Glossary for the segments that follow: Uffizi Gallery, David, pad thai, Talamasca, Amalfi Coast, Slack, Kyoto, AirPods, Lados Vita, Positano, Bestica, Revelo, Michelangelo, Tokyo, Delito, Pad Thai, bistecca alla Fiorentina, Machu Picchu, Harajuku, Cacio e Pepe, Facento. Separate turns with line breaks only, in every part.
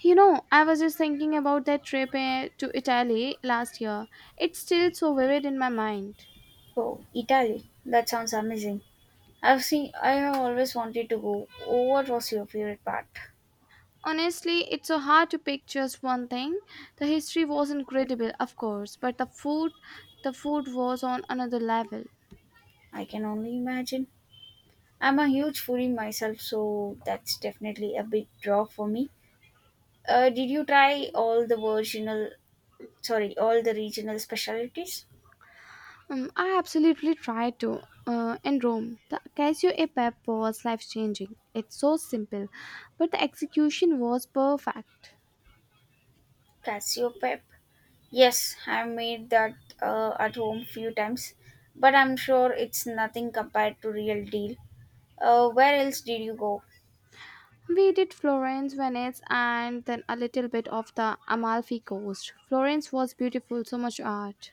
You know, I was just thinking about that trip to Italy last year. It's still so vivid in my mind.
Oh, Italy. That sounds amazing. I have always wanted to go. Oh, what was your favorite part?
Honestly, it's so hard to pick just one thing. The history was incredible, of course, but the food was on another level.
I can only imagine. I'm a huge foodie myself, so that's definitely a big draw for me. Did you try all the all the regional specialties?
I absolutely tried to. In Rome, the Casio e Pepe was life changing. It's so simple, but the execution was perfect.
Casio pep. Yes, I made that at home few times, but I'm sure it's nothing compared to real deal. Where else did you go?
We did Florence, Venice, and then a little bit of the Amalfi Coast. Florence was beautiful, so much art.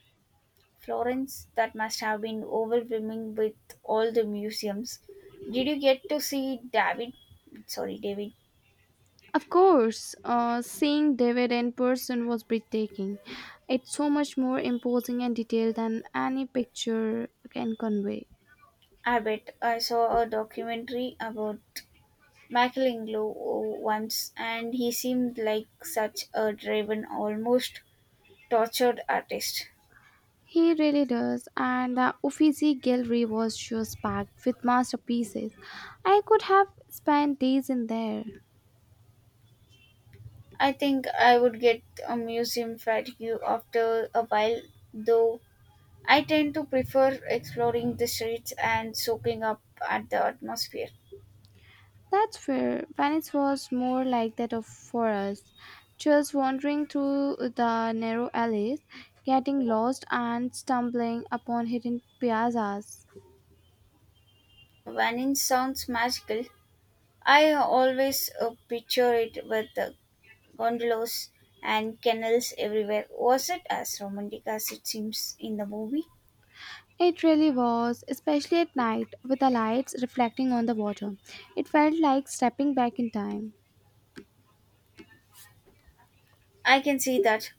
Florence, that must have been overwhelming with all the museums. Did you get to see David? David.
Of course, seeing David in person was breathtaking. It's so much more imposing and detailed than any picture can convey.
I bet I saw a documentary about Michelangelo once, and he seemed like such a driven, almost tortured artist.
He really does, and the Uffizi Gallery was just packed with masterpieces. I could have spent days in there.
I think I would get a museum fatigue after a while, though I tend to prefer exploring the streets and soaking up at the atmosphere.
That's fair. Venice was more like that of for us, just wandering through the narrow alleys, getting lost and stumbling upon hidden piazzas.
Venice sounds magical. I always picture it with the gondolas and canals everywhere. Was it as romantic as it seems in the movie?
It really was, especially at night with the lights reflecting on the water. It felt like stepping back in time.
I can see that.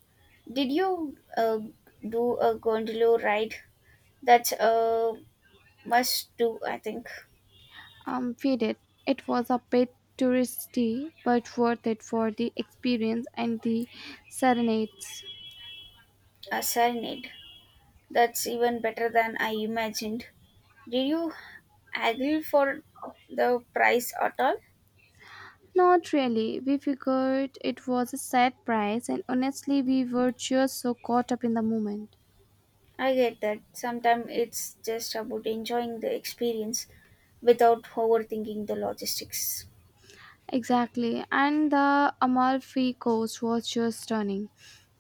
Did you do a gondola ride? That's a must do, I think.
We did. It was a bit touristy, but worth it for the experience and the serenades.
A serenade. That's even better than I imagined. Did you haggle for the price at all?
Not really. We figured it was a set price, and honestly, we were just so caught up in the moment.
I get that. Sometimes it's just about enjoying the experience without overthinking the logistics.
Exactly. And the Amalfi Coast was just stunning.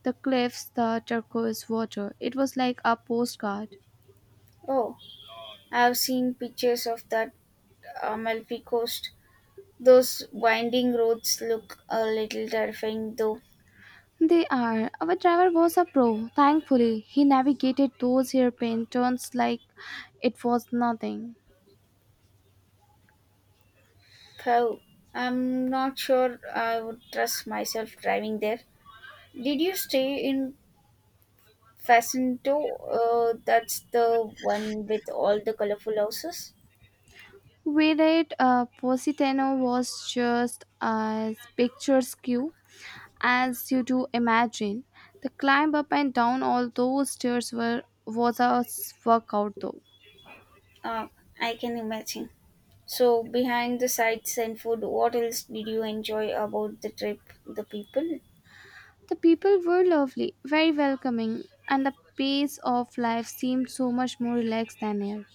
The cliffs, the turquoise water. It was like a postcard.
Oh, I've seen pictures of that Amalfi Coast. Those winding roads look a little terrifying though.
They are. Our driver was a pro. Thankfully, he navigated those hairpin turns like it was nothing.
Pow. I'm not sure I would trust myself driving there. Did you stay in Facento? That's the one with all the colorful houses?
With it, Positano was just as picturesque. As you do imagine, the climb up and down all those stairs were workout though.
Uh, I can imagine. So, behind the sights and food, what else did you enjoy about the trip? The people?
The people were lovely, very welcoming, and the pace of life seemed so much more relaxed than here.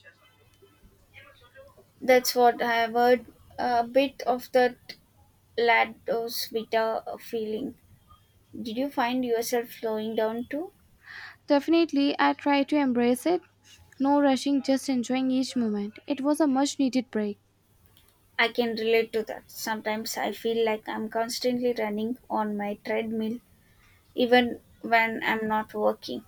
That's what I have heard. A bit of that Lados Vita feeling. Did you find yourself slowing down too?
Definitely, I tried to embrace it. No rushing, just enjoying each moment. It was a much needed break.
I can relate to that. Sometimes I feel like I'm constantly running on my treadmill, even when I'm not working.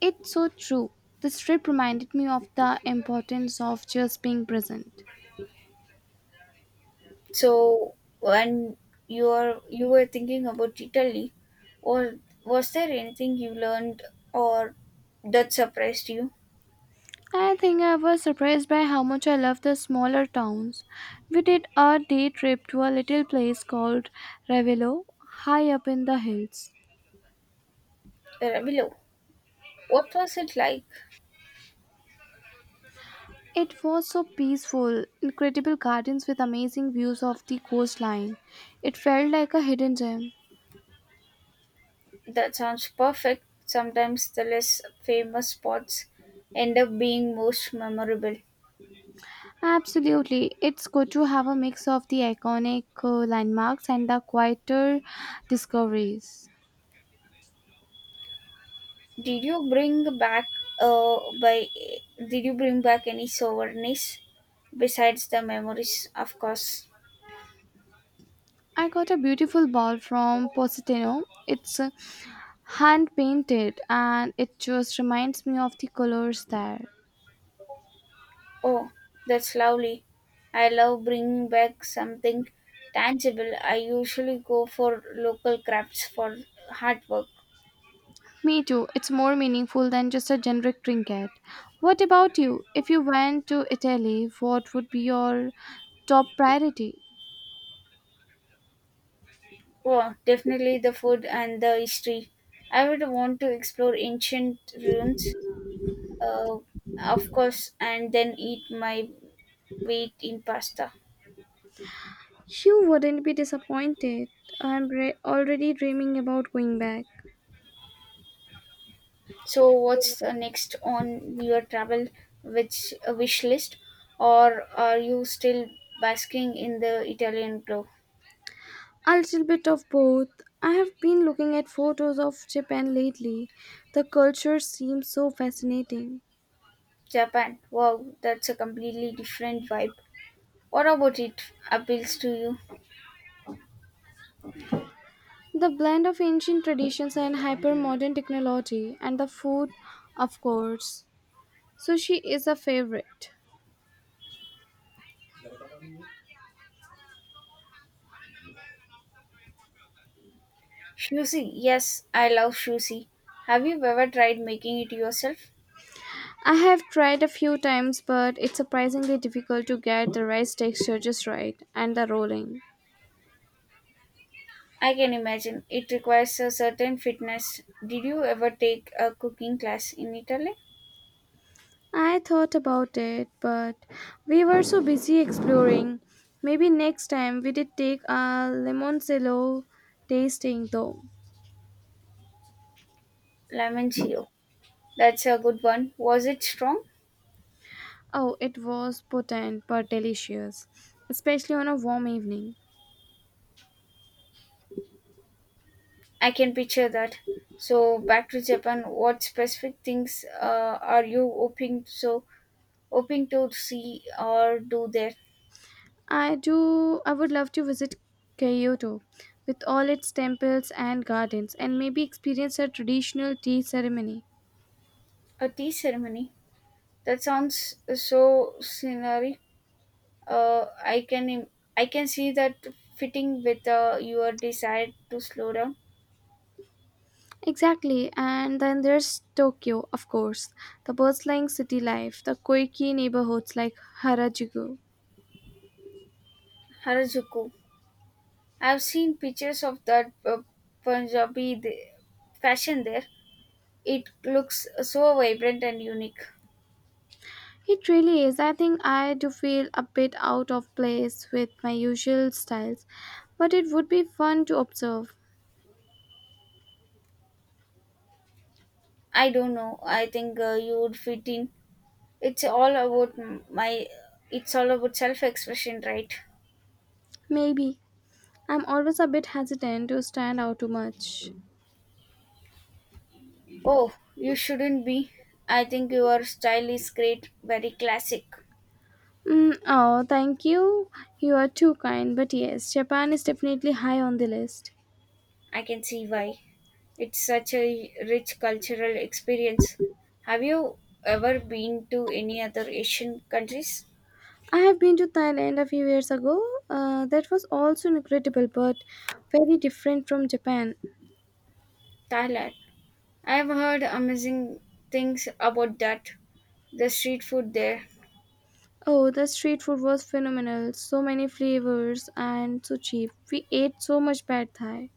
It's so true. This trip reminded me of the importance of just being present.
So when you were thinking about Italy, or was there anything you learned or that surprised you?
I think I was surprised by how much I love the smaller towns. We did a day trip to a little place called Revelo, high up in the hills.
Below, what was it like?
It was so peaceful, incredible gardens with amazing views of the coastline. It felt like a hidden gem.
That sounds perfect. Sometimes the less famous spots end up being most memorable.
Absolutely, it's good to have a mix of the iconic landmarks and the quieter discoveries.
Did you bring back by did you bring back any souvenirs besides the memories, of course?
I got a beautiful ball from Positano. It's hand painted and it just reminds me of the colors there.
Oh, that's lovely. I love bringing back something tangible. I usually go for local crafts for hard work.
Me too, it's more meaningful than just a generic trinket. What about you? If you went to Italy, what would be your top priority?
Oh, definitely the food and the history. I would want to explore ancient ruins, uh, of course, and then eat my weight in pasta.
You wouldn't be disappointed. Already dreaming about going back.
So, what's the next on your travel which wish list, or are you still basking in the Italian glow?
A little bit of both. I have been looking at photos of Japan lately. The culture seems so fascinating.
Japan. Wow, that's a completely different vibe. What about it appeals to you?
The blend of ancient traditions and hyper modern technology, and the food, of course. Sushi is a favorite.
Sushi. Yes, I love sushi. Have you ever tried making it yourself?
I have tried a few times, but it's surprisingly difficult to get the rice texture just right and the rolling.
I can imagine. It requires a certain fitness. Did you ever take a cooking class in Italy?
I thought about it, but we were so busy exploring. Maybe next time we did take a lemon cello tasting though.
Lemon zero. That's a good one. Was it strong?
Oh, it was potent but delicious, especially on a warm evening.
I can picture that. So back to Japan. What specific things are you hoping so hoping to see or do there?
I do. I would love to visit Kyoto with all its temples and gardens and maybe experience a traditional tea ceremony.
A tea ceremony. That sounds so scenery. Uh, I can im- I can see that fitting with your desire to slow down.
Exactly. And then there's Tokyo, of course, the bustling city life, the quirky neighborhoods like Harajuku.
Harajuku. I've seen pictures of that Punjabi the fashion there. It looks so vibrant and unique.
It really is. I think I do feel a bit out of place with my usual styles, but it would be fun to observe.
I don't know. I think you would fit in. It's all about m- my. It's all about self-expression, right?
Maybe. I'm always a bit hesitant to stand out too much.
Oh, you shouldn't be. I think your style is great, very classic.
Mm, oh, thank you. You are too kind. But yes, Japan is definitely high on the list.
I can see why. It's such a rich cultural experience. Have you ever been to any other Asian countries?
I have been to Thailand a few years ago. That was also incredible, but very different from Japan.
Thailand. I've heard amazing things about that. The street food there.
Oh, the street food was phenomenal. So many flavors and so cheap. We ate so much pad thai.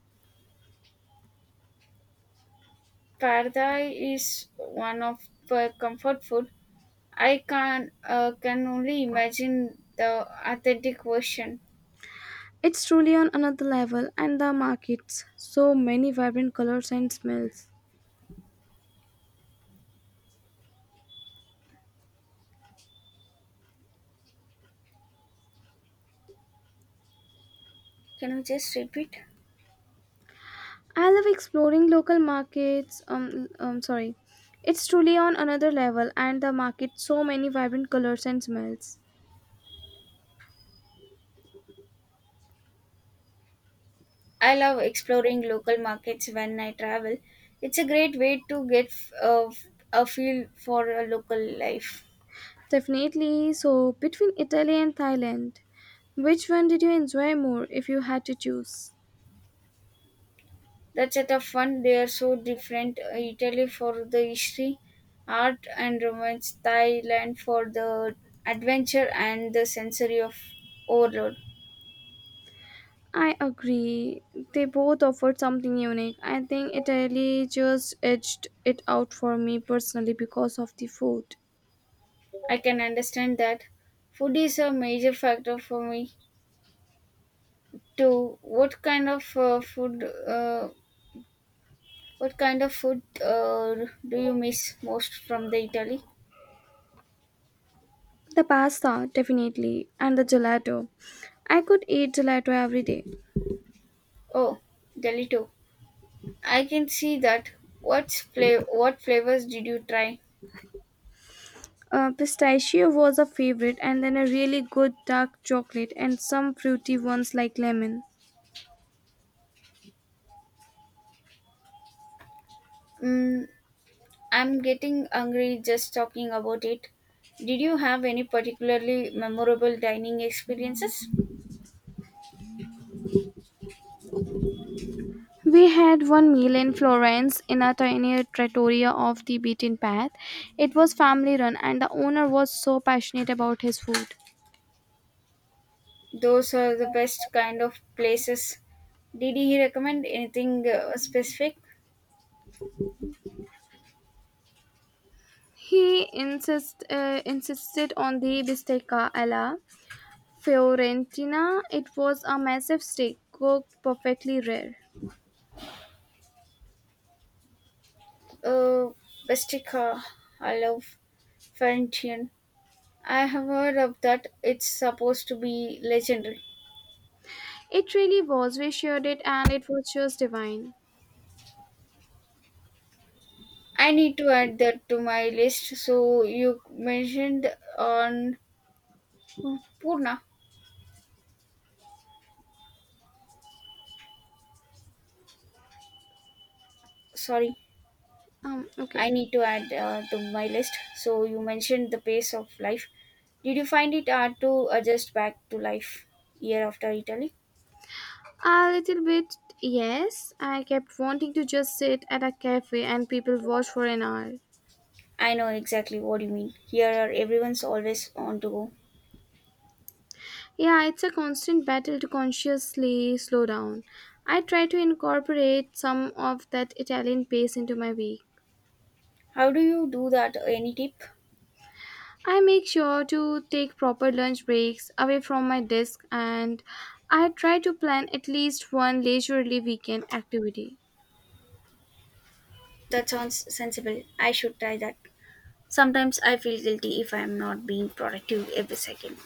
Pad Thai is one of my comfort food. I can only imagine the authentic version.
It's truly on another level, and the markets. So many vibrant colors and smells.
Can you just repeat?
I love exploring local markets. It's truly on another level, and the market so many vibrant colors and smells.
I love exploring local markets when I travel. It's a great way to get a feel for a local life.
Definitely. So between Italy and Thailand, which one did you enjoy more if you had to choose?
That's at a fun. They are so different. Italy for the history, art and romance. Thailand for the adventure and the sensory of overload.
I agree. They both offered something unique. I think Italy just edged it out for me personally because of the food.
I can understand that. Food is a major factor for me too. What kind of food do you miss most from the Italy?
The pasta, definitely, and the gelato. I could eat gelato every day.
Oh, Delito. I can see that. What flavors did you try?
Pistachio was a favorite, and then a really good dark chocolate and some fruity ones like lemon.
Mm, I'm getting hungry just talking about it. Did you have any particularly memorable dining experiences?
We had one meal in Florence in a tiny trattoria off the beaten path. It was family run, and the owner was so passionate about his food.
Those are the best kind of places. Did he recommend anything specific?
He insisted on the bistecca alla Fiorentina. It was a massive steak cooked perfectly rare.
Uh, Bestica, I love Florentine. I have heard of that. It's supposed to be legendary.
It really was. We shared it, and it was just divine.
I need to add that to my list. So you mentioned on Purna. Sorry,
Okay.
I need to add to my list. So you mentioned the pace of life. Did you find it hard to adjust back to life year after Italy?
A little bit, yes. I kept wanting to just sit at a cafe and people watch for an hour.
I know exactly what you mean. Here, are everyone's always on to go.
Yeah, it's a constant battle to consciously slow down. I try to incorporate some of that Italian pace into my week.
How do you do that? Any tip?
I make sure to take proper lunch breaks away from my desk and I try to plan at least one leisurely weekend activity.
That sounds sensible. I should try that. Sometimes I feel guilty if I am not being productive every second.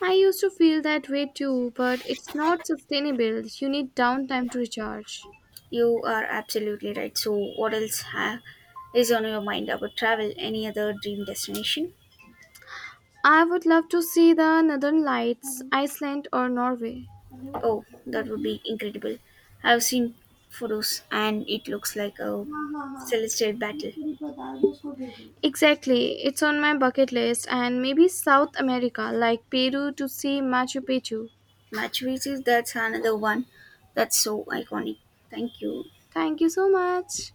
I used to feel that way too, but it's not sustainable. You need downtime to recharge.
You are absolutely right. So, what else is on your mind about travel? Any other dream destination?
I would love to see the Northern Lights, Iceland, or Norway.
Oh, that would be incredible. I've seen photos and it looks like a celestial battle.
Exactly, it's on my bucket list, and maybe South America, like Peru, to see Machu Picchu.
Machu Picchu, that's another one that's so iconic. Thank you.
Thank you so much.